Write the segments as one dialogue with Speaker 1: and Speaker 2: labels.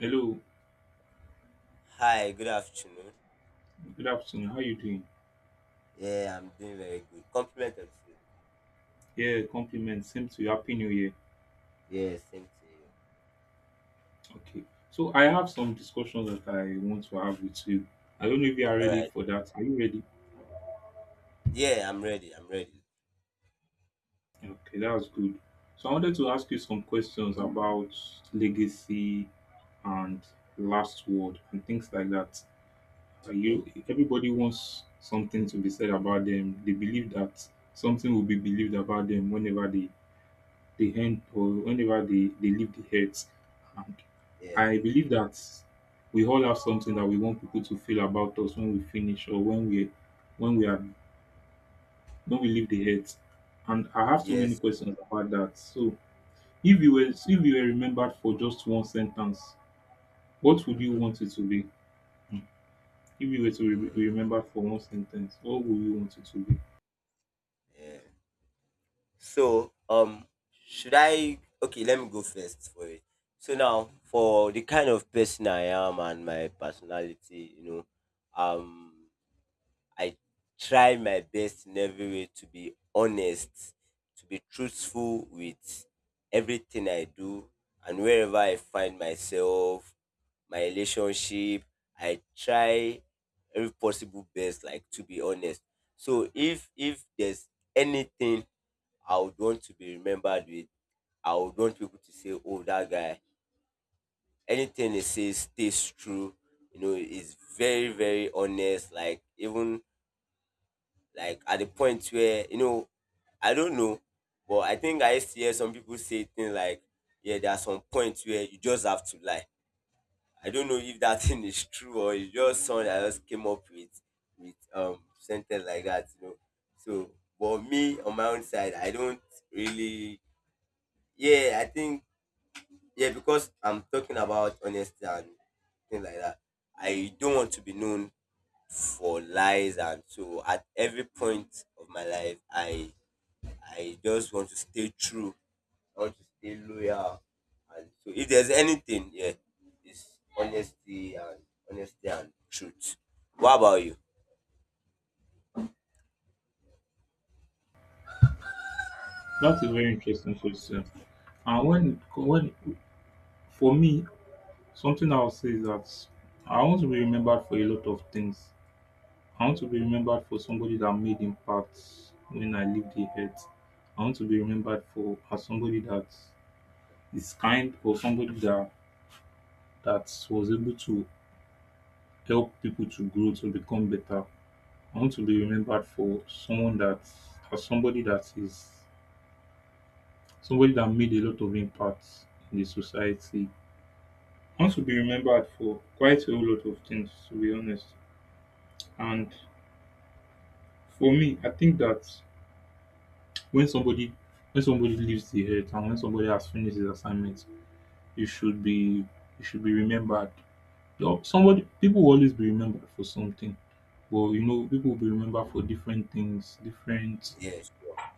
Speaker 1: Hello,
Speaker 2: Hi, good afternoon.
Speaker 1: good afternoon. How you doing?
Speaker 2: Yeah, I'm doing very good. Compliment of you.
Speaker 1: Yeah, compliments. Same to you. Happy New Year.
Speaker 2: Yeah, same to you.
Speaker 1: Okay. So I have some discussions that I want to have with you. I don't know if you are
Speaker 2: All
Speaker 1: ready
Speaker 2: right.
Speaker 1: for that. Are you ready?
Speaker 2: Yeah, I'm ready. I'm ready.
Speaker 1: Okay, that's good. So I wanted to ask you some questions about legacy and last word and things like that. Are
Speaker 2: Okay.
Speaker 1: you everybody wants something to be said about them. They believe that something will be believed about them whenever the end or whenever they leave the earth. And
Speaker 2: Yeah.
Speaker 1: I believe that we all have something that we want people to feel about us when we finish or when we are when we leave the earth. And I have so many
Speaker 2: Yes.
Speaker 1: questions about that. So if you were remembered for just one sentence, what would you
Speaker 2: Mm-hmm.
Speaker 1: want it to be? If you were to be
Speaker 2: Mm,
Speaker 1: remembered for one sentence, what would you want it to be?
Speaker 2: yeah. So, should I? Okay, let me go first for it. So now, for the kind of person I am and my personality, um, I try my best in every way to be honest, to be truthful with everything I do and wherever I find myself, my relationship, I try every possible best like to be honest. So if there's anything I would want to be remembered with, I would want people to say, oh, that guy, anything he says stays true. He's very, very honest. Like, even like at the point where I don't know, but I think I used to hear some people say things like, yeah, there are some points where you just have to lie. I don't know if that thing is true or it's just someone I just came up with sentence like that, you know so But me on my own side, I don't really, yeah, I think, yeah, because I'm talking about honesty and things like that. I don't want to be known for lies, and so at every point of my life I just want to stay true. I want to stay loyal. And so if there's anything, yeah, it's honesty and truth. What about you?
Speaker 1: That's a very interesting question. And when for me, something I'll say is that I want to be remembered for a lot of things. I want to be remembered for somebody that made impact when I leave the earth. I want to be remembered for as somebody that is kind or somebody that was able to help people to grow to become better. I want to be remembered for someone that as somebody that is somebody that made a lot of impact in the society. I want to be remembered for quite a whole lot of things to be honest. And for me, I think that when somebody when somebody leaves the earth and when somebody has finished his assignment, you should be you should be remembered. Though somebody people will always be remembered for something, but you know people will be remembered for different things, different
Speaker 2: Yeah, sure.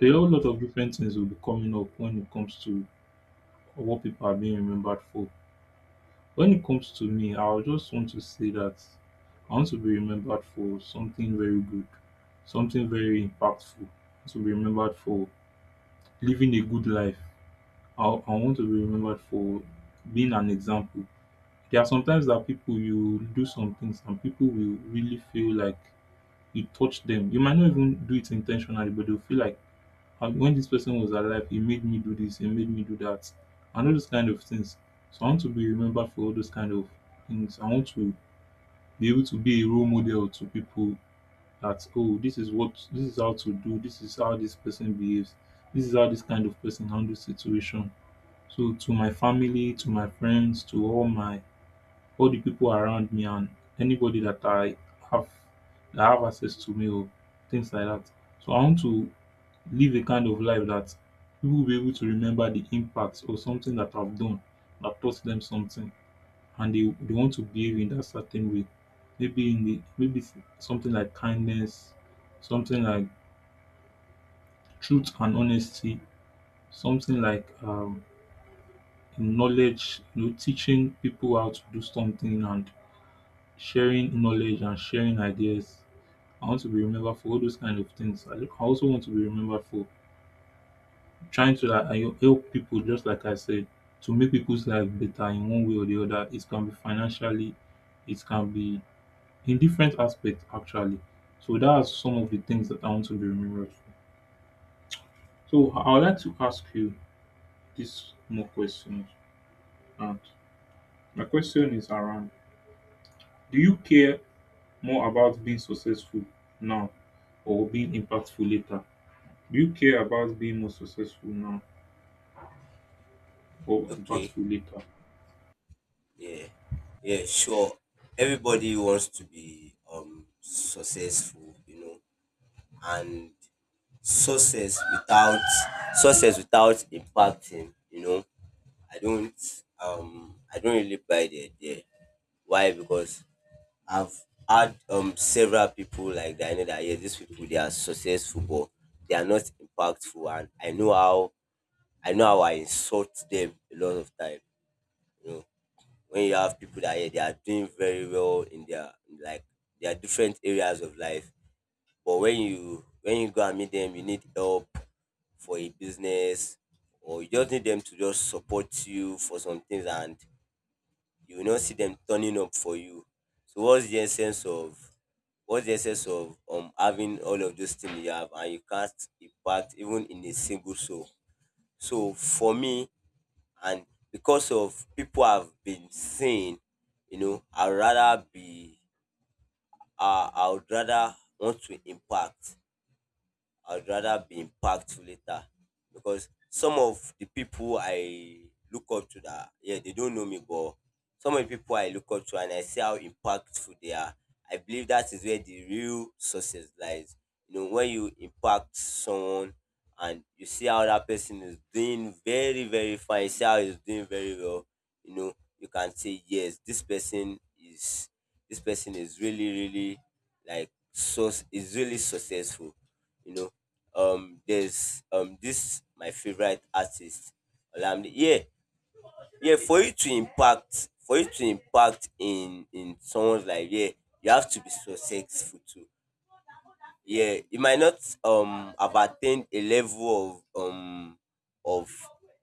Speaker 1: a whole lot of different things will be coming up when it comes to what people are being remembered for. When it comes to me, I just want to say that I want to be remembered for something very good, something very impactful. I want to be remembered for living a good life. I want to be remembered for being an example. There are sometimes that people you do some things and people will really feel like you touch them. You might not even do it intentionally, but they'll feel like, "Ah, when this person was alive, he made me do this, he made me do that," and all those kind of things. So I want to be remembered for all those kind of things. I want to be able to be a role model to people that, oh, this is how to do, this is how this person behaves, this is how this kind of person handles situation. So to my family, to my friends, to all the people around me and anybody that I have that have access to me or things like that. So I want to live a kind of life that people will be able to remember the impact or something that I've done that taught them something and they want to behave in that certain way. Maybe in the maybe s- Something like kindness, something like truth and honesty, something like knowledge, you know, teaching people how to do something and sharing knowledge and sharing ideas. I want to be remembered for all those kind of things. I also want to be remembered for trying to, like, you know, help people, just like I said, to make people's life better in one way or the other. It can be financially, it can be in different aspects actually. So that's some of the things that I want to be remembered for. So I would like to ask you this more questions. And my question is around: do you care more about being successful now or being impactful later? Do you care about being more successful now or
Speaker 2: Okay.
Speaker 1: impactful later?
Speaker 2: Yeah. Yeah, sure. Everybody wants to be successful, and success without success without impacting. I don't really buy the idea. Why? Because I've had several people like that. I know that, yeah, these people they are successful, but they are not impactful, and I know how I insult them a lot of time. You know, when you have people that, yeah, they are doing very well in like their different areas of life, but when you go and meet them, you need help for a business, or you just need them to just support you for some things, and you will not see them turning up for you. So what's the essence of what's the essence of having all of those things you have and you can't impact even in a single soul? So for me, and because of people have been saying, I'd rather be I would rather want to impact I'd rather be impactful later, because some of the people I look up to that, yeah, they don't know me, but some of the people I look up to, and I see how impactful they are. I believe that is where the real success lies. When you impact someone and you see how that person is doing very, very fine, you see how he's doing very well, you can say, yes, this person is really, really like, so is really successful you know there's This my favorite artist, Olamide. Yeah, yeah. For you to impact in someone's life, yeah, you have to be successful too. Yeah, you might not have attained a level of of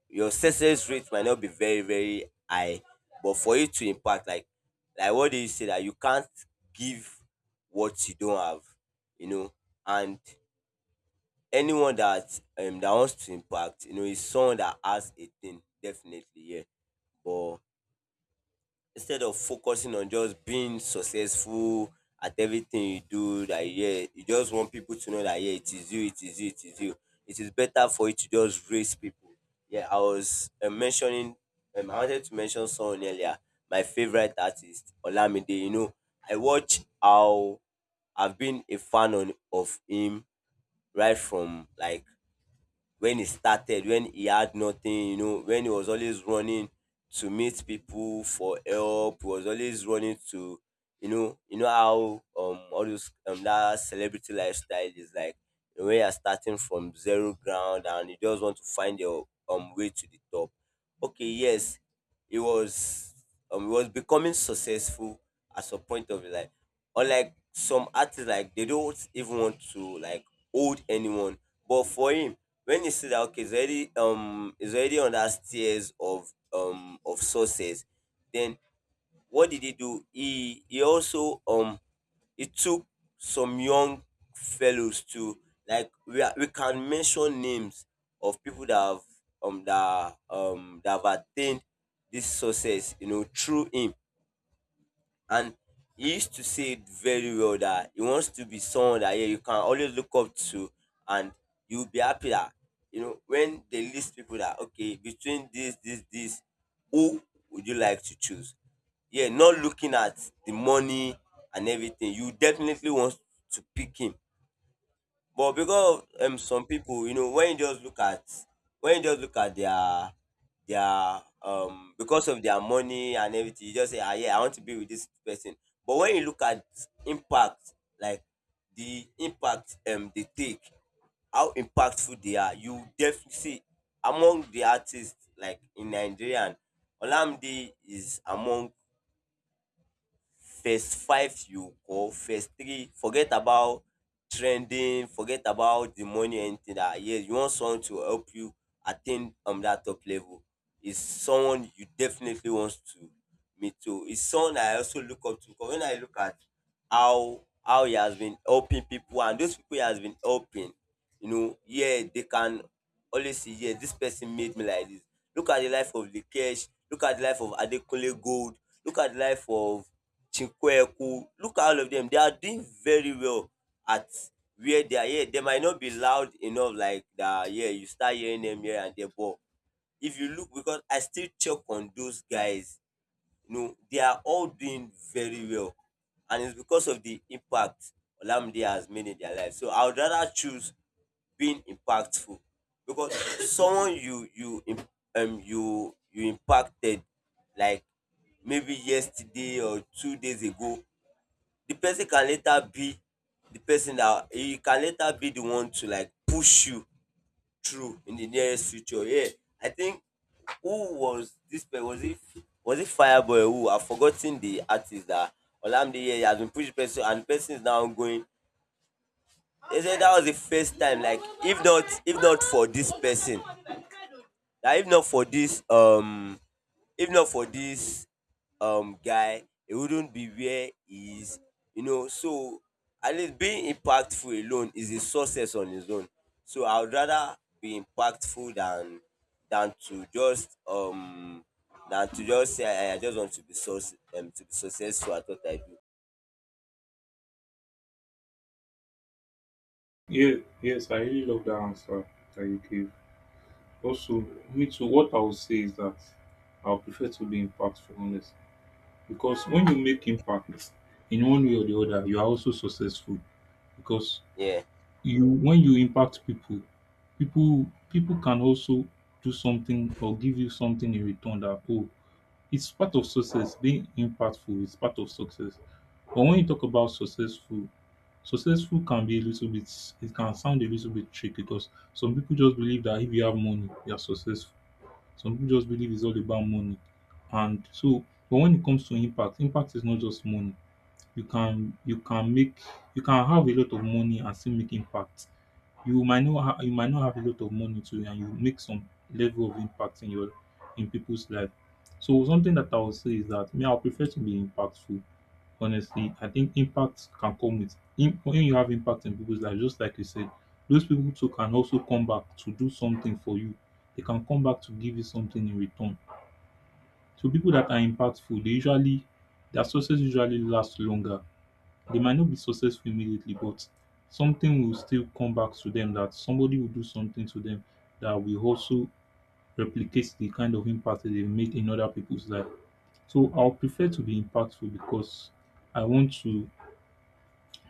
Speaker 2: your success rate might not be very, very high, but for you to impact, like what do you say, that you can't give what you don't have, you know, and anyone that wants to impact, is someone that has a thing, definitely, yeah. But instead of focusing on just being successful at everything you do, that, yeah, you just want people to know that, yeah, it is you, it is you, it is you. It is better for you to just raise people. Yeah, I wanted to mention someone earlier, my favorite artist, Olamide. I watch how I've been a fan of him right from like when he started, when he had nothing, when he was always running to meet people for help. He was always running to, how all those that celebrity lifestyle is like, when you're starting from zero ground and you just want to find your way to the top. Okay, yes, he was he was becoming successful at some point of his life, unlike some artists, like they don't even want to like hold anyone. But for him, when he see that, okay, he's already on that stairs of of success, then what did he do? He also he took some young fellows to, like, we can mention names of people that have attained this success, through him. And he used to say it very well, that he wants to be someone that, yeah, you can always look up to, and you'll be happy that, when they list people, that okay, between this, this, this, who would you like to choose? Yeah, not looking at the money and everything. You definitely want to pick him. But because of some people, when you just look at their because of their money and everything, you just say, ah, yeah, I want to be with this person. But when you look at impact, like the impact they take, how impactful they are, you definitely see among the artists, like in Nigerian, Olamide is among first five, you, or first three. Forget about trending, forget about the money, anything, that, yes, you want someone to help you attain that top level is someone you definitely want to meet. So it's someone I also look up to, because when I look at how he has been helping people, and those people he has been helping, yeah, they can always see, yeah, this person made me like this. Look at the life of Likesh, look at the life of Adekunle Gold, look at the life of Chinqueku. Look at all of them, they are doing very well at where they are. Yeah, they might not be loud enough like that, yeah, you start hearing them here and there, but if you look, because I still check on those guys, they are all doing very well. And it's because of the impact Olamide has made in their life. So I would rather choose being impactful, because someone you you im- you you impacted like maybe yesterday or 2 days ago, the person can later be the person that he can later be the one to like push you true, in the nearest future. Yeah, I think, who was this? Was it Fireboy? Who, I've forgotten the artist that Olamide, yeah, he has been pushed person and the person is now going. They said that was the first time. Like, if not for this person, that if not for this if not for this guy, he wouldn't be where he is. So, at least being impactful alone is a success on its own. So I would rather be impactful than to just say, I just want to be success to be successful at what I do.
Speaker 1: Yeah, yes, I really love that answer that you gave. Also, me too, what I would say is that I would prefer to be impactful, honest. Because when you make impact in one way or the other, you are also successful. Because
Speaker 2: Yeah.
Speaker 1: you when you impact people, people can also do something or give you something in return. That, oh, it's part of success. Being impactful is part of success. But when you talk about successful, successful can be a little bit, it can sound a little bit tricky because some people just believe that if you have money, you are successful. Some people just believe it's all about money. And so, but when it comes to impact, impact is not just money. You can you can make you can have a lot of money and still make impact. You might not have a lot of money too and you make some level of impact in your in people's life. So something that I would say is that me, I would prefer to be impactful, honestly. I think impact can come with when you have impact in people's life, just like you said, those people too can also come back to do something for you. They can come back to give you something in return. So people that are impactful, they usually, their success usually lasts longer. They might not be successful immediately, but something will still come back to them, that somebody will do something to them that will also replicate the kind of impact that they've made in other people's life. So I'll prefer to be impactful because I want to,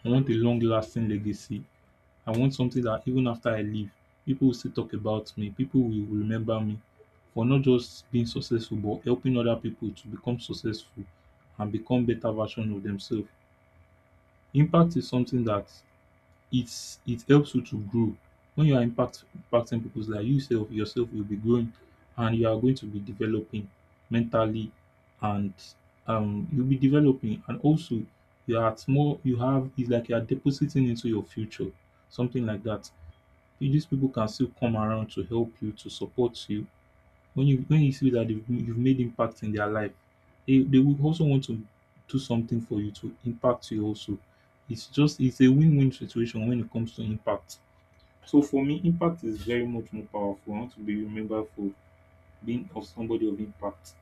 Speaker 1: I want a long lasting legacy. I want something that even after I leave, people will still talk about me, people will remember me for not just being successful but helping other people to become successful and become better version of themselves. Impact is something that, it's, it helps you to grow. When you are impact, impacting people's life, you yourself will be growing and you are going to be developing mentally and you'll be developing and also you are at more you have, it's like you are depositing into your future, something like that. These people can still come around to help you, to support you, when you see that they've you've made impact in their life, they would also want to do something for you to impact you also. It's just, it's a win-win situation when it comes to impact. So for me, impact is very much more powerful. I want to be remembered for being of somebody of impact.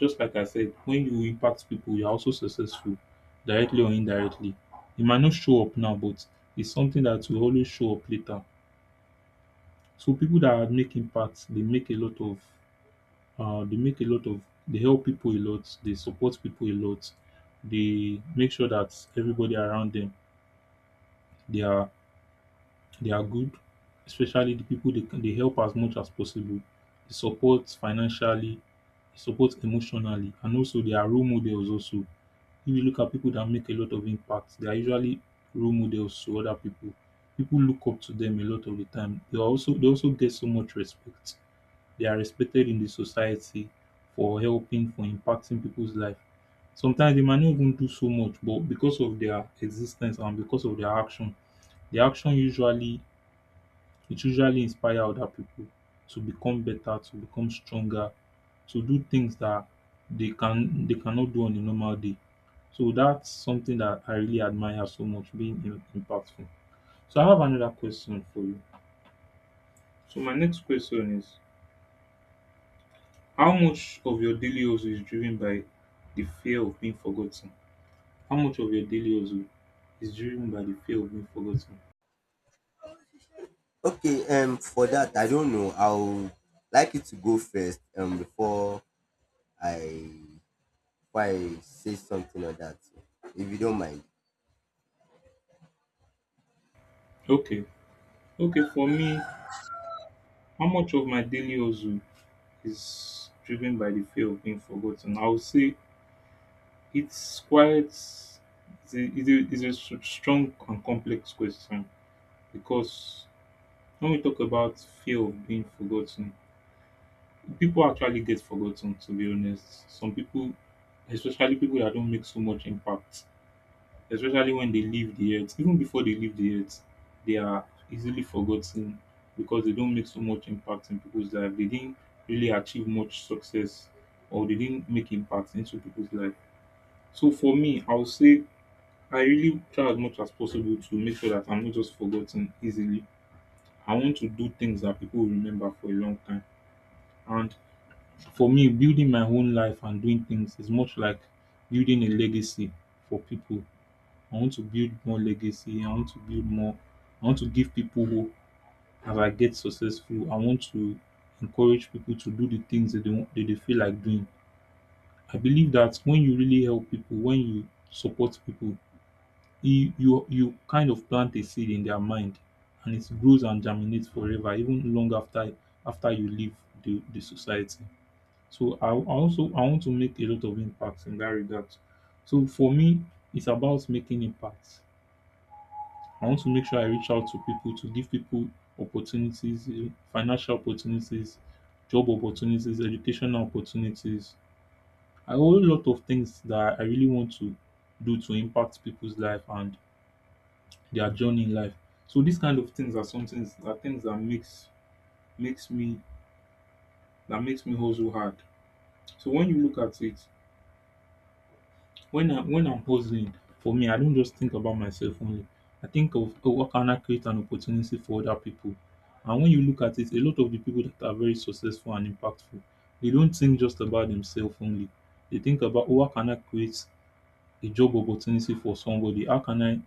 Speaker 1: Just like I said, when you impact people, you're also successful, directly or indirectly. It might not show up now, but it's something that will always show up later. So people that make impact, they make a lot of, uh, they make a lot of, they help people a lot. They support people a lot. They make sure that everybody around them, they are they are good, especially the people they help as much as possible. They support financially, they support emotionally, and also they are role models. Also, if you look at people that make a lot of impact, they are usually role models to other people. People look up to them a lot of the time. They also get so much respect. They are respected in the society for helping, for impacting people's life. Sometimes they might not even do so much, but because of their existence and because of their action, the action usually, it usually inspire other people to become better, to become stronger, to do things that they cannot do on a normal day. So that's something that I really admire so much, being impactful. So I have another question for you. So my next question is: how much of your daily hustle is driven by the fear of being forgotten? How much of your daily hustle is driven by the fear of being forgotten?
Speaker 2: Okay, for that, I don't know. I'll like you to go first, before I, I say something or that, if you don't mind.
Speaker 1: Okay, okay, for me, how much of my daily hustle is driven by the fear of being forgotten? I would say it's quite, it's a, it's a, it's a s- strong and complex question because when we talk about fear of being forgotten, people actually get forgotten, to be honest. Some people, especially people that don't make so much impact, especially when they leave the earth. Even before they leave the earth, they are easily forgotten because they don't make so much impact in people's life. They didn't really achieve much success or they didn't make impact into people's life. So for me, I would say I really try as much as possible to make sure that I'm not just forgotten easily. I want to do things that people will remember for a long time. And for me, building my own life and doing things is much like building a legacy for people. I want to build more legacy. I want to build more. I want to give people hope as I get successful. I want to encourage people to do the things that they, want, that they feel like doing. I believe that when you really help people, when you support people, you kind of plant a seed in their mind, and it grows and germinates forever, even long after you leave the society. So I want to make a lot of impacts in that regard. So for me, it's about making impacts. I want to make sure I reach out to people to give people opportunities, financial opportunities, job opportunities, educational opportunities. A whole lot of things that I really want to do to impact people's life and their journey in life. So these kind of things are things that makes me makes me hustle hard. So when you look at it, when I'm hustling, for me, I don't just think about myself only. I think of, oh, how can I create an opportunity for other people? And when you look at it, a lot of the people that are very successful and impactful, they don't think just about themselves only. They think about, oh, how can I create a job opportunity for somebody? How can I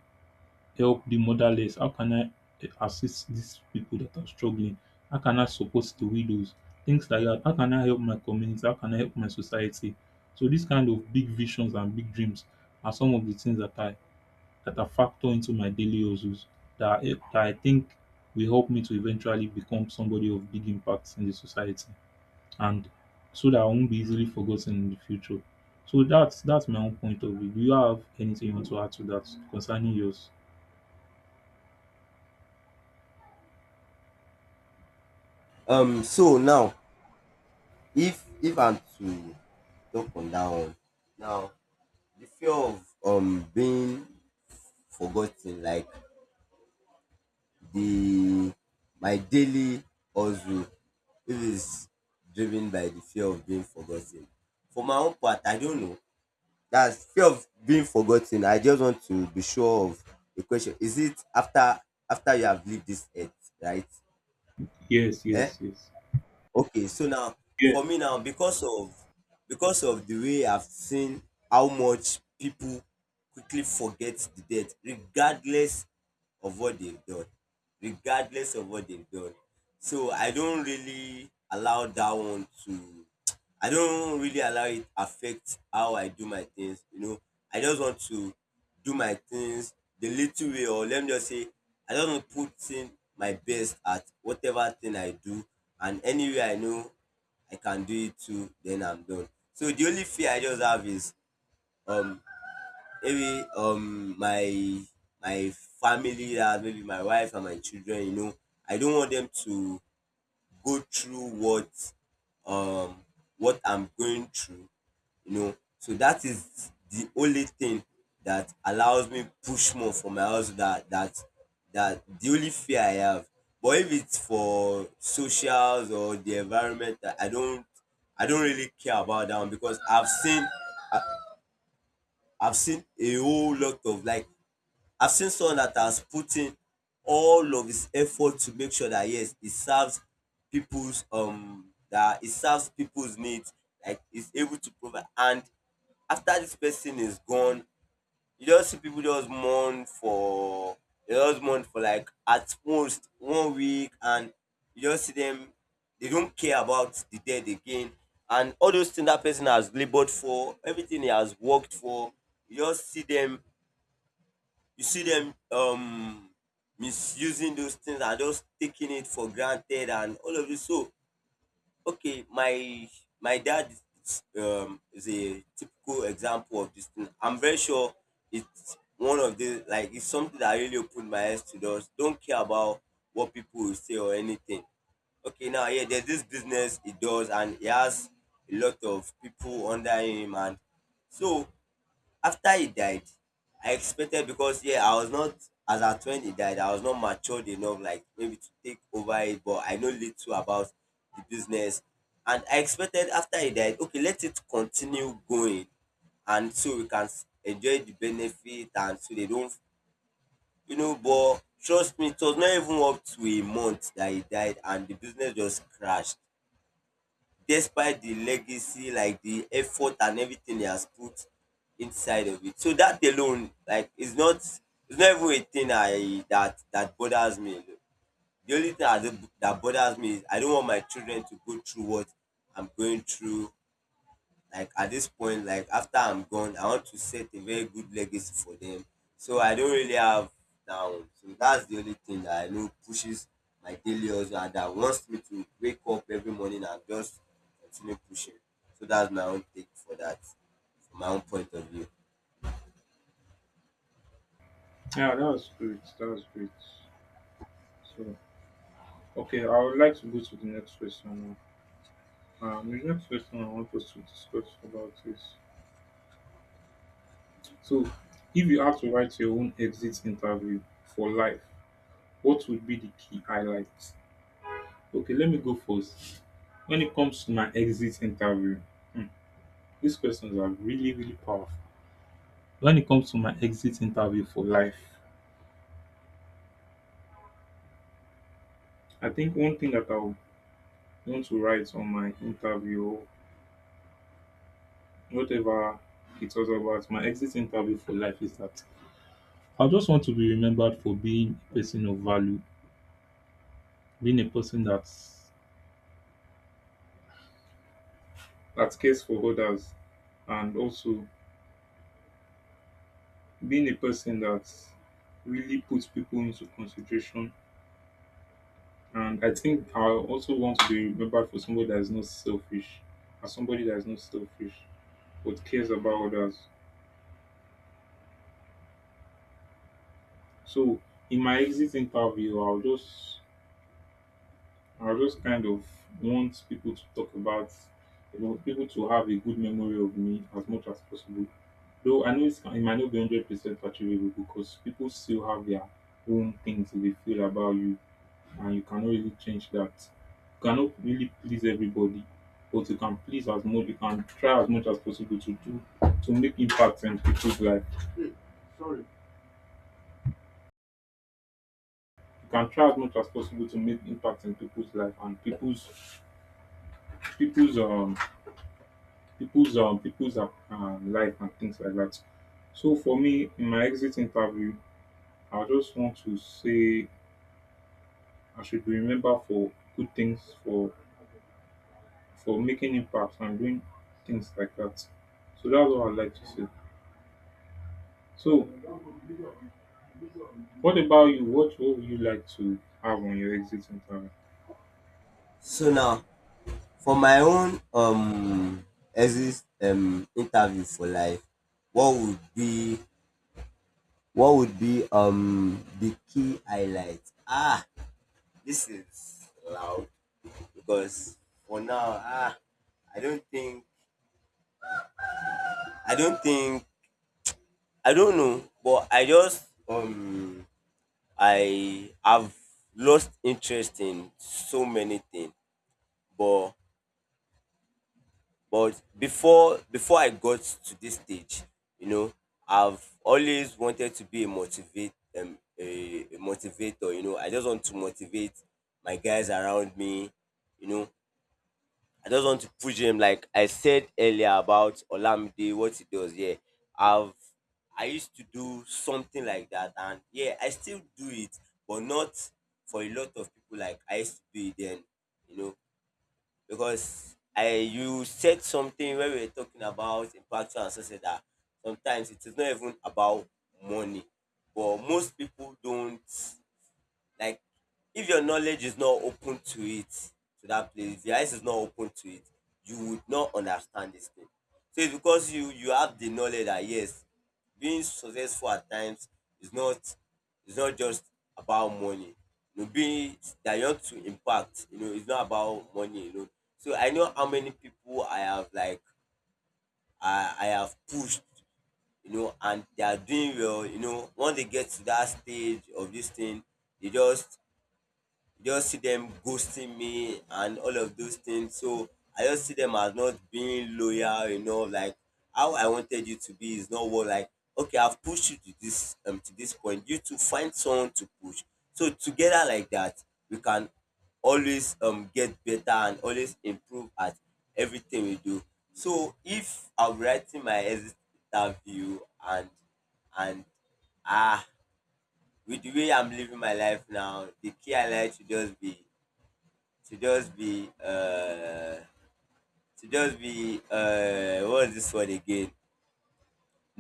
Speaker 1: help the motherless? How can I assist these people that are struggling? How can I support the widows? Things like that. How can I help my community? How can I help my society? So these kind of big visions and big dreams are some of the things that I factor into my daily hustles that I think will help me to eventually become somebody of big impact in the society, and so that I won't be easily forgotten in the future. So that's my own point of view. Do you have anything you want to add to that concerning yours?
Speaker 2: So now, if I'm to talk on dat one now, de fear of being forgot ten, like de my daily hustle, if is driven by de fear of being forgot ten, for my own part I don't know. Dats fear of being forgot ten, I just want to be sure of de question, is it after you have leave dis earth, right?
Speaker 1: Yes,
Speaker 2: um
Speaker 1: yes, yes.
Speaker 2: okay, so now
Speaker 1: Yes.
Speaker 2: for me now, because of the way I've seen how much people quickly forget the death, regardless of what they've done, regardless of what they've done. So I don't really allow that one to, I don't really allow it affect how I do my things. I just want to do my things the little way, or let me just say, I just want to put in my best at whatever thing I do, and anywhere I know I can do it too, then I'm done. So the only fear I just have is um maybe my family, that maybe my wife and my children. You know, I don't want them to go through um what I'm going through, you know. So that is the only thing that allows me push more for my hustle. That that the only fear I have. But if it's for socials or the environment, I don't, I don't really care about that one, because I've seen, I've seen a whole lot of, like, I've seen someone that has put in all of his effort to make sure that, yes, he serves people's, that he serves people's needs, like he's able to provide. And after this person is gone, you just see people just mourn for, they just mourn for like at most 1 week, and you just see them, they don't care about the dead again. And all those things that person has labored for, everything he has worked for, you just see them, you see them misusing those things and just taking it for granted and all of this. So, okay, my dad is a typical example of this thing. I'm very sure it's one of the, like, it's something that really opened my eyes to those. Don't care about what people will say or anything. Okay, now, yeah, there's this business he does, and he has a lot of people under him, and so after he died, I expected, because, yeah, I was not, as at when he died, I was not matured enough, like maybe to take over it, but I know little about the business. And I expected, after he died, okay, let it continue going and so we can s- enjoy the benefit and so they don't, you know. But trust me, it was not even up to a month that he died and the business just crashed, despite the legacy, like the effort and everything he has put inside of it. So that alone, like, is not, it's not even a thing I that bothers me. The only thing I do, that bothers me is I don't want my children to go through what I'm going through, like at this point, like after I'm gone, I want to set a very good legacy for them. So I don't really have that one. So that's the only thing that I know pushes my daily hustle and that wants me to wake up every morning and just continue pushing. So that's my own take for that, from my own point of view.
Speaker 1: Yeah, that was great. That was great. So, okay, I would like to go to the next question now. The next question I want us to discuss about is, so, if you had to write your own exit interview for life, what would be the key highlights? Okay, let me go first. When it comes to my exit interview, hmm, these questions are really, really powerful. When it comes to my exit interview for life, I think one thing that I would want to write on my interview, whatever it was about, my exit interview for life, is that I just want to be remembered for being a person of value, being a person that cares for others, and also being a person that really puts people into consideration. And I think I also want to be remembered for somebody that is not selfish, as somebody that is not selfish but cares about others. So in my exit interview, I just kind of want people to talk about, you know, people to have a good memory of me as much as possible. Though I know it's, it might not be 100% achievable because people still have their own things they feel about you, and you cannot really change that. You cannot really please everybody, but you can please as much. You can try as much as possible to do to make impact in people's life. You can try as much as possible to make impact in people's life and people's um people's life and things like that. So for me, in my exit interview, I just want to say I should be remembered for good things, for making impacts and doing things like that. So that's what I'd like to say. So what about you? What would you like to have on your exit interview?
Speaker 2: So now, for my own exit interview for life, what would be what would be the key highlight. Ah, this is loud. Because for now, ah, i don't think I don't think, I don't know, but I just, I have lost interest in so many things. But, but before I got to this stage, you know, I've always wanted to be a a motivator, you know. I just want to motivate my guys around me, you know. I just want to push him, like I said earlier about Olamide, what he does. Yeah, I've I used to do something like that, and yeah, I still do it, but not for a lot of people like I used to do it then, you know. Because I, you said something when we were talking about impactual and success, that sometimes it is not even about money, but most people don't, like, if your knowledge is not open to it, to that place, your eyes is not open to it, you would not understand this thing. So it's because you have the knowledge that, yes, being successful at times is not, is not just about money. You know, being that you want to impact, you know, it's not about money, you know. So I know how many people I have, like I have pushed, you know, and they are doing well, you know. Once they get to that stage of this thing, they just see them ghosting me and all of those things. So I just see them as not being loyal. You know, like, how I wanted you to be is not what, like, okay, I've pushed you to this point. You to find someone to push. So together like that, we can always get better and always improve at everything we do. So if I'm writing my exit interview, and and ah with the way I'm living my life now, the key highlight should just be to just be to just be what is this word again?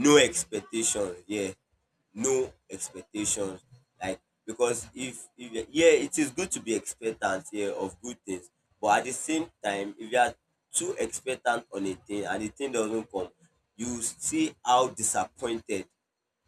Speaker 2: No expectations. Yeah, no expectations. Like, because if yeah, it is good to be expectant, yeah, of good things, but at the same time, if you are too expectant on a thing and the thing doesn't come, you see how disappointed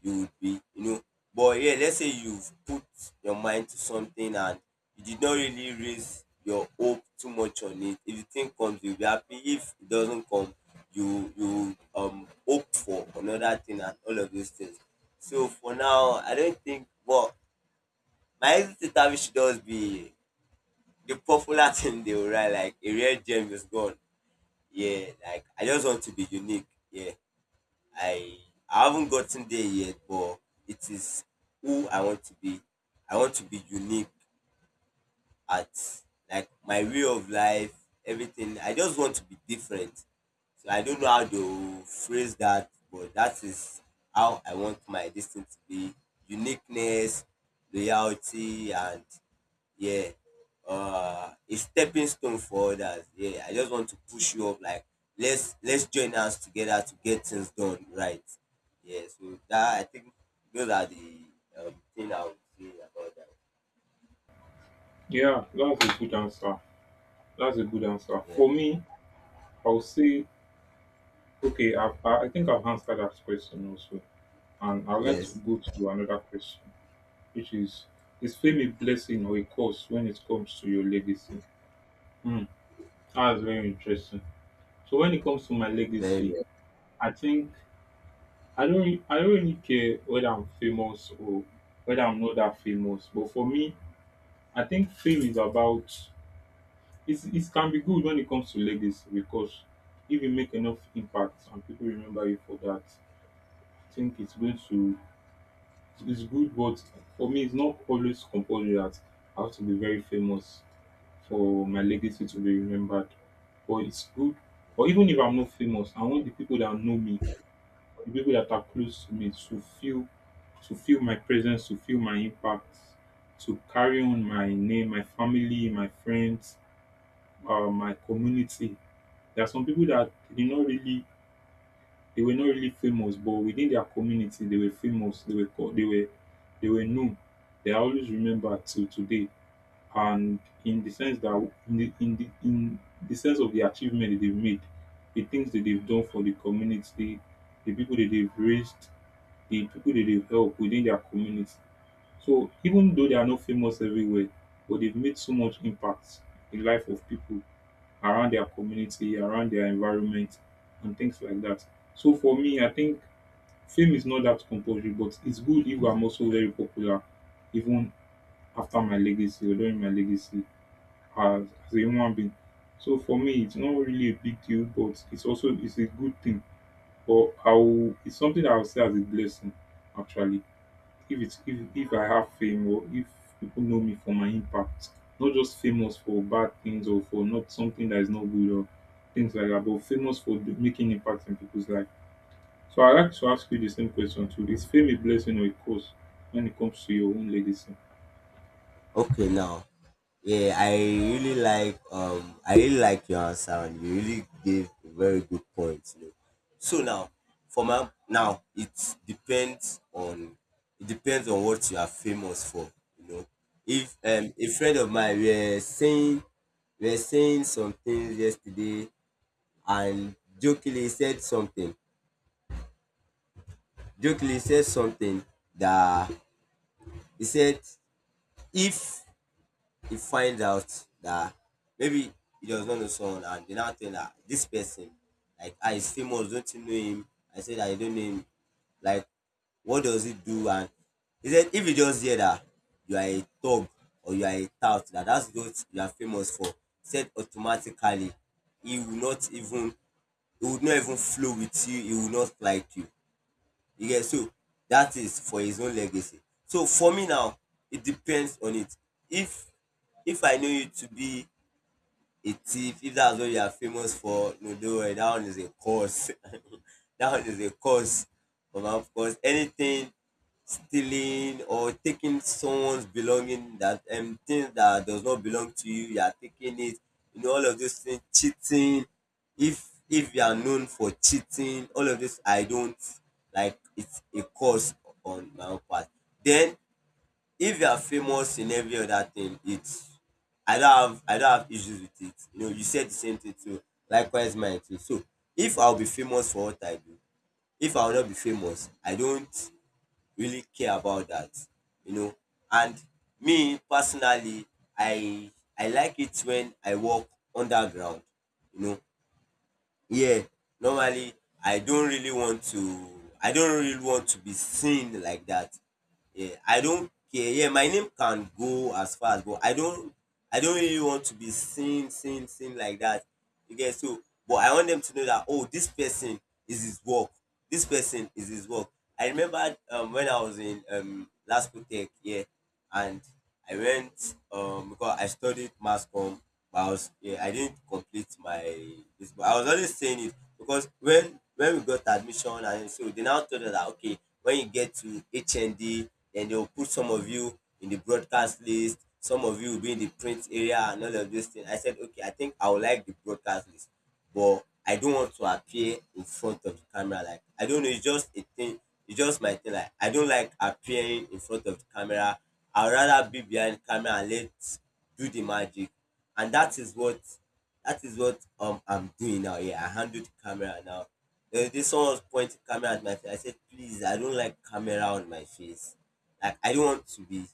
Speaker 2: you would be, you know. But yeah, let's say you've put your mind to something and you did not really raise your hope too much on it. If the thing comes, you'll be happy. If it doesn't come, you hope for another thing and all of those things. So for now, I don't think. But my exit interview should just be the popular thing they will write, like, a real gem is gone. Yeah, like, I just want to be unique. Yeah. I I haven't gotten there yet, but it is who I want to be. I want to be unique at, like, my way of life, everything. I just want to be different. So I don't know how to phrase that, but that is how I want my destiny to be: uniqueness, loyalty, and, yeah, a stepping stone for others. Yeah, I just want to push you up. Like, let's join us together to get things done right. Yeah, so that, I think those are the, thing I would say about that.
Speaker 1: Yeah, that's a good answer. That's a good answer.
Speaker 2: Yeah.
Speaker 1: For me, I'll say, okay. I think I've answered that question also, and I'd like to
Speaker 2: Yes.
Speaker 1: go to another question. Which is fame a blessing or a curse when it comes to your legacy? Hmm, that's very interesting. So when it comes to my
Speaker 2: Very.
Speaker 1: legacy,
Speaker 2: Very.
Speaker 1: I think I don't really care whether I'm famous or whether I'm not that famous. But for me, I think fame is about it's, it can be good when it comes to legacy because if you make enough impact and people remember you for that, I think it's going to. It's good, but for me, it's not always compulsory that I have to be very famous for my legacy to be remembered. But it's good. Or even if I'm not famous, I want the people that know me, the people that are close to me, to feel my presence, to feel my impact, to carry on my name, my family, my friends, my community. There are some people that did not really, they were not really famous, but within their community, they were famous. They were called, they were known. They are always remembered till today. And in the sense that in the sense of the achievement that they've made, the things that they've done for the community, the people that they've raised, the people that they've helped within their community. So even though they are not famous everywhere, but they've made so much impact in life of people around their community, around their environment, and things like that. So for me, I think fame is not that compulsory, but it's good if I'm also very popular even after my legacy or during my legacy as a human being. So for me, it's not really a big deal, but it's also, it's a good thing, or I'll, it's something that I'll say as a blessing actually. If it's if I have fame or if people know me for my impact. Not just famous for bad things or for not something that is not good or things like that, but famous for do- making impact in people's life. So I'd like to ask you the same question too. Is fame a blessing or a curse when it comes to your own legacy?
Speaker 2: Okay, now, yeah, I really like, I really like your answer, and you really gave a very good point. You know. So now, for my now, it depends on, it depends on what you are famous for. You know, if a friend of mine were saying, were saying some things yesterday, and jokingly he said something. Jokingly he said something that, he said, if he finds out that, maybe, he does not know someone and they now tell her this person, like, ah, he's famous, don't you know him? I said, I don't know him. Like, what does he do? And he said, if you just hear that you are a thug or you are a tout, that that's what you are famous for, he said, automatically he will not even, he would not even flow with you, he will not like you. You get? So dat is for his own legacy. So for me now, it depends on it. If if I know you to be a thief, if that's what you are famous for, no, don't worry. That one is a cause. That one is a cause. But of course, anything stealing or taking someone's belonging, that thing that does not belong to you, you are taking it. You know all of these things. Cheating. If you are known for cheating, all of this I don't like. It's a cause on my own part. Then if you are famous in every other thing, it's, I don't have issues with it, you know. You said the same thing too, likewise mine too. So if I'll be famous for what I do, if I'll not be famous, I don't really care about that, you know. And me personally, i I like it when I work underground, you know. Yeah, normally, i don't really want to I don't really want to be seen like that. Yeah, I don't care. Yeah, my name can go as far as, but I don't really want to be seen, seen like that. You get? So, but I want them to know that, oh, this person is his work this person is his work. I remember when I was in Lasco Tech. Yeah, and I went, because I studied mass com, but I was, yeah, I didn't complete my this. But I was always saying it because when we got admission and so they now told us that, okay, when you get to HND, then they will put some of you in the broadcast list, some of you will be in the print area and all of those things. I said, okay, I think I would like the broadcast list, but I don't want to appear in front of the camera. Like, I don't know, it's just a thing. It's just my thing. Like, I don't like appearing in front of the camera. I'd rather be behind the camera and let do the magic. And that is what I'm doing now. Yeah, I handle the camera now. There was this one was pointing camera at my face. I said, please, I don't like camera on my face. Like I don't want to be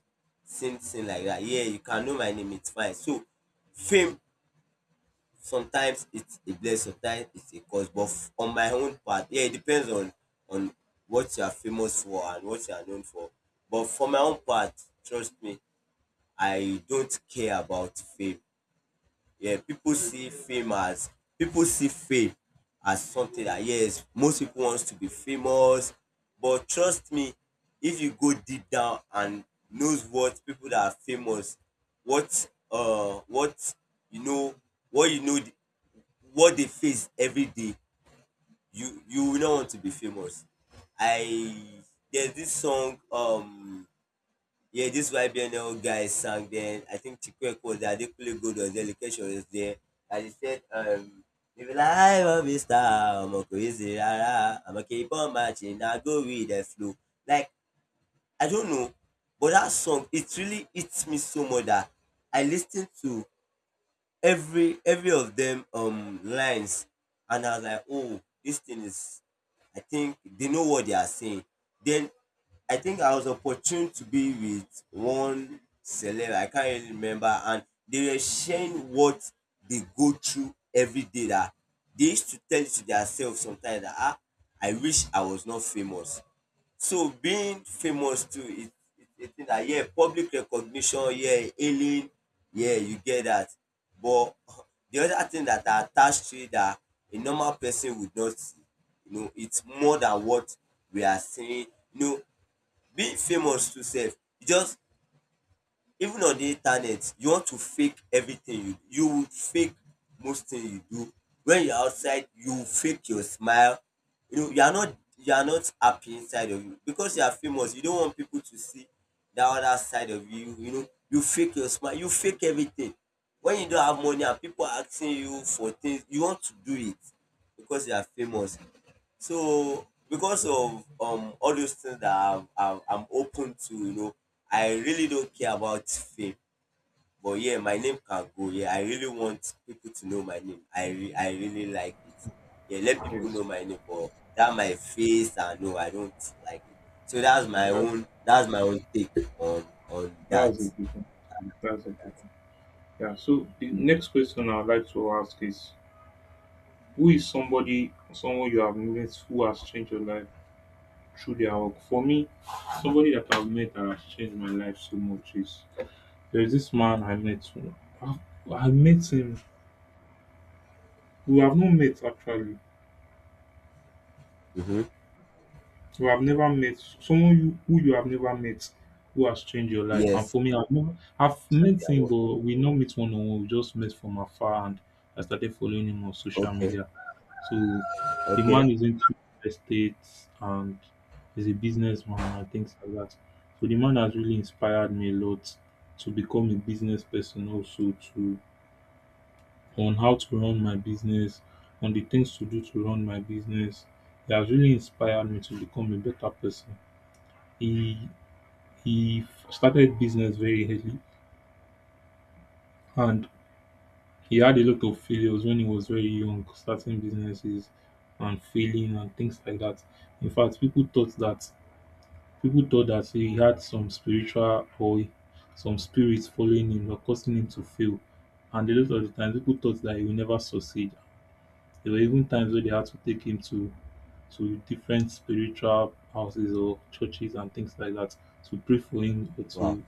Speaker 2: seen like that. Yeah, you can know my name, it's fine. So fame sometimes it's a blessing, sometimes it's a curse. But on my own part, yeah, it depends on what you are famous for and what you are known for. But for my own part, trust me, I don't care about fame. Yeah, people see fame as people see fame as something that yes, most people wants to be famous. But trust me, if you go deep down and knows what people that are famous, what you know, what what they face every day you will not want to be famous. I There's this song yeah, this YBNL guy sang then, I think Chikwek was there, Adekunle Gold was there, Location was there. And he said if you like I am a star, I'm a crazy rárá àmọ́, keep on marching, I go with the flow. Like, I don't know, but that song, it really hits me so much that I listen to every of them lines. And I was like, oh, this thing is, I think they know what they are saying. Then I think I was opportune to be with one celeb, I can't really remember, and they were sharing what they go through every day, that they used to tell it to themselves sometimes that, ah, I wish I was not famous. So being famous too is a thing dat, yeah, public recognition, yeah, hailing, yeah, you get dat. But de other thing dat are attached to it dat a normal person would not see, you know, it's more than what we are seeing. You know, being famous too sef e just. Even on the internet, you want to fake everything you do. You would fake most things you do. When you're outside, you fake your smile. You know, you are not happy inside of you. Because you are famous, you don't want people to see that other side of you. You know, you fake your smile, you fake everything. When you don't have money and people are asking you for things, you want to do it because you are famous. So because of all those things that I'm open to, you know, I really don't care about fame. But yeah, my name can go. Yeah, I really want people to know my name. I really like it. Yeah, let people
Speaker 1: Yes.
Speaker 2: know my name. But that my face, I know I don't like it. So
Speaker 1: Yeah, that,
Speaker 2: that's my own take on that.
Speaker 1: that's a good one. That's a good one. Yeah. So the next question I'd like to ask is, who is somebody someone you have met who has changed your life through their work? For me, somebody that I've met that has changed my life so much is, there's this man I met, who- I I met him. We have not met actually,
Speaker 2: Mm-hmm.
Speaker 1: who have never met, someone you who you have never met who has changed your life. And
Speaker 2: Yes.
Speaker 1: for me, I've never I've
Speaker 2: Through
Speaker 1: met
Speaker 2: their
Speaker 1: him,
Speaker 2: work.
Speaker 1: but we not meet one on one. We just met from afar, and I started following him on social
Speaker 2: Okay.
Speaker 1: media. So the
Speaker 2: Okay.
Speaker 1: man is into real estate and is a businessman and things like that. So the man has really inspired me a lot to become a business person also, to on how to run my business, on the things to do to run my business. It has really inspired me to become a better person. He he started business very early, and he had a lot of failures when he was very young, starting businesses and failing and things like that. In fact, people thought that he had some spiritual or some spirits following him or causing him to fail. And a lot of the times, people thought that he will never succeed. There were even times where they had to take him to different spiritual houses or churches and things like that to pray for him or
Speaker 2: Wow.
Speaker 1: to,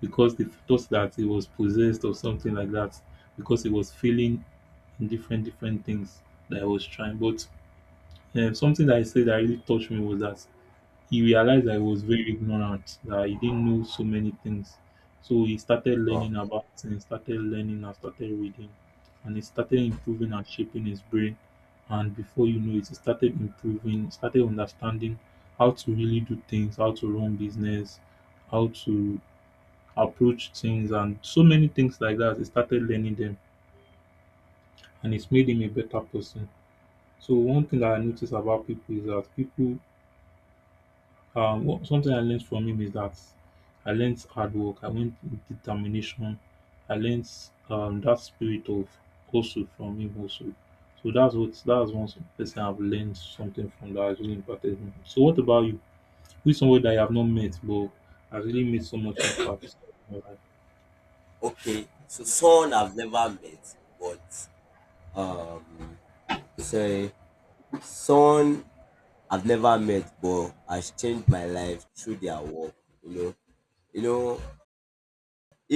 Speaker 1: because they thought that he was possessed or something like that because he was feeling different things that I was trying. But something that I said that really touched me was that he realized that he was very ignorant, that he didn't know so many things. So he started
Speaker 2: Wow.
Speaker 1: learning about things, started learning and started reading, and he started improving and shaping his brain. And before you know it, he started improving, started understanding how to really do things, how to run business, how to approach things and so many things like that. He started learning them, and it's made him a better person. So one thing that I noticed about people is that people something I learned from him is that I learned hard work, I learned determination, I learned that spirit of hustle from him also. So that's one person I've learned something from that has really impacted me. So what about you? Who is someone that you have not met but has really made so much impact in your life?
Speaker 2: Okay. So someone I've never met, but sorry. Someone I've never met but has changed my life through their work, you know. You know,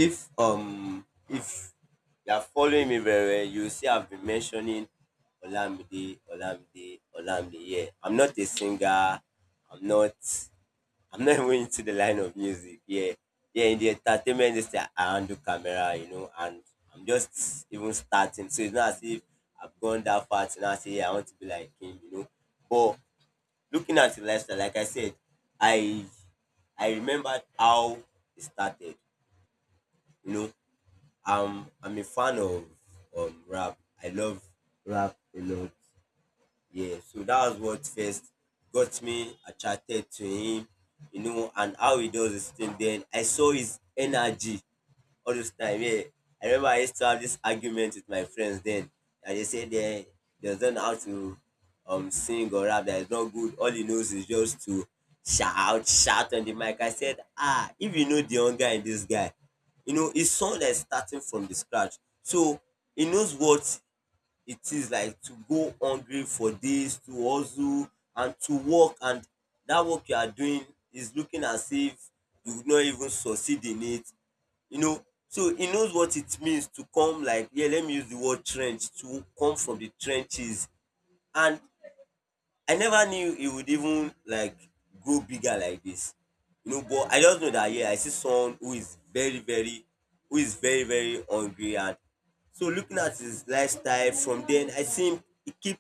Speaker 2: if you are following me very well, you see I've been mentioning Olamide, Olamide, Olamide. Yeah, I'm not a singer. I'm not. I'm not even into the line of music. Yeah, yeah. In the entertainment industry, I handle camera. You know, and I'm just even starting. So it's not as if I've gone that far to now say, yeah, I want to be like him. You know, but looking at the lifestyle, like I said, I I remembered how it started. You know, I'm a fan of rap. I love rap a lot. Yeah, so that was what first got me attracted to him, you know, and how he does his thing. Then I saw his energy all those time. Yeah. I remember I used to have this argument with my friends then. And they don't know how to sing or rap. That is not good. All he knows is just to shout on the mic. I said, ah, if you know the hunger in this guy, you know, it's someone that's starting from the scratch. So he knows what it is like to go hungry for this, to hustle and to work. And that work you are doing is looking as if you would not even succeed in it, you know. So he knows what it means to come like, yeah, let me use the word trench, to come from the trenches. And I never knew he would even like grow bigger like this, you know. But I just know that, yeah, I see someone who is very very who is very very hungry. And so looking at his lifestyle from then, I see him, he keep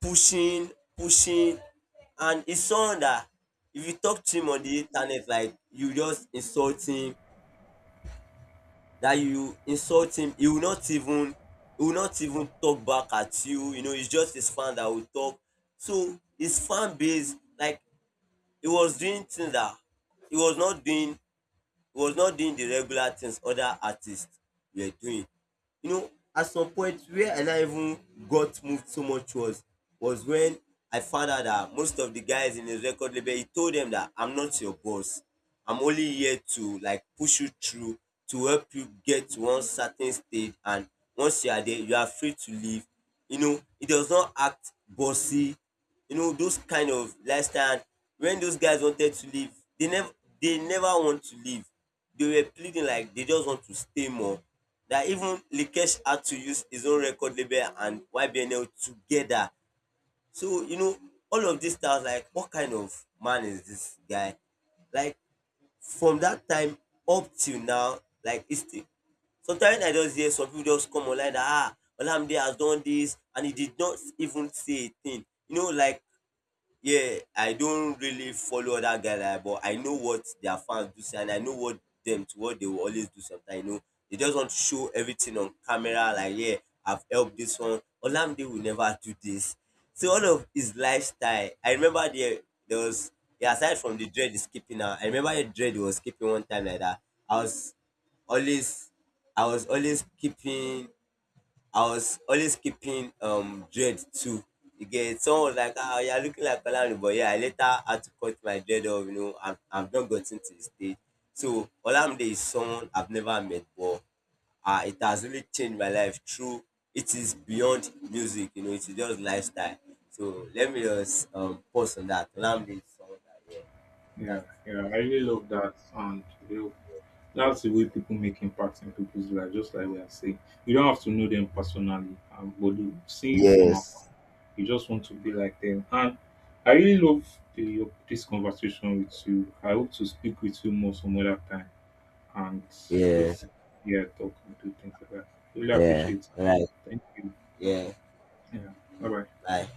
Speaker 2: pushing, pushing. And it's someone that if you talk to him on the internet, like you just insult him, he will not even he will not even talk back at you. You know, it's just his fan that will talk. So his fan base, like, he was doing things that he was not doing he was not doing the regular things other artists were doing, you know. At some point where I now even got moved so much was when I found out that most of the guys in his record label, he told them that, I'm not your boss, I'm only here to like push you through, to help you get to one certain stage, and once you are there, you are free to leave. You know, he does not act bossy. You know, those kind of lifestyle. And when those guys wanted to leave, they never they never want to leave. They were pleading like they just want to stay more. That even Likesh had to use his own record label and YBNL together. So, you know, all of this, I was like, what kind of man is this guy? Like, from that time up till now, like, it's still, sometimes I just hear some people just come online that, ah, Olamide has done this, and he did not even say a thing. You know, like, yeah, I don't really follow other guy like, but I know what their fans do say, and I know what them to what they will always do sometimes, you know. They just want to show everything on camera like, yeah, I've helped this one. Olamide will never do this. So all of his lifestyle, I remember there was, yeah, aside from the dread is keeping now, I remember the dread was keeping one time like that. I was always I was always keeping I was always keeping dread too. You get someone was like, ah, you're looking like Olamide, but yeah, I later had to cut my dread off. You know, I've not gotten to this stage. So Olamide is someone I've never met, but it has really changed my life through. It is beyond music, you know. It's just lifestyle. So let me just pause on that. Olamide is someone that, yeah,
Speaker 1: Yeah,
Speaker 2: that
Speaker 1: yeah,
Speaker 2: has
Speaker 1: I really
Speaker 2: really.
Speaker 1: love that, and you know, that's the way people make impact in people's life. Just like we are saying, you don't have to know them personally, but they- seeing you from afar,
Speaker 2: Yes.
Speaker 1: you just want to be like them. And I really love the, your- this conversation with you. I hope to speak with you more some other time, and
Speaker 2: Yeah.
Speaker 1: just, yeah, talk and do things like that. Really
Speaker 2: Yeah.
Speaker 1: appreciate. It.
Speaker 2: Right.
Speaker 1: Thank you.
Speaker 2: Yeah.
Speaker 1: Yeah. Bye bye.
Speaker 2: Bye.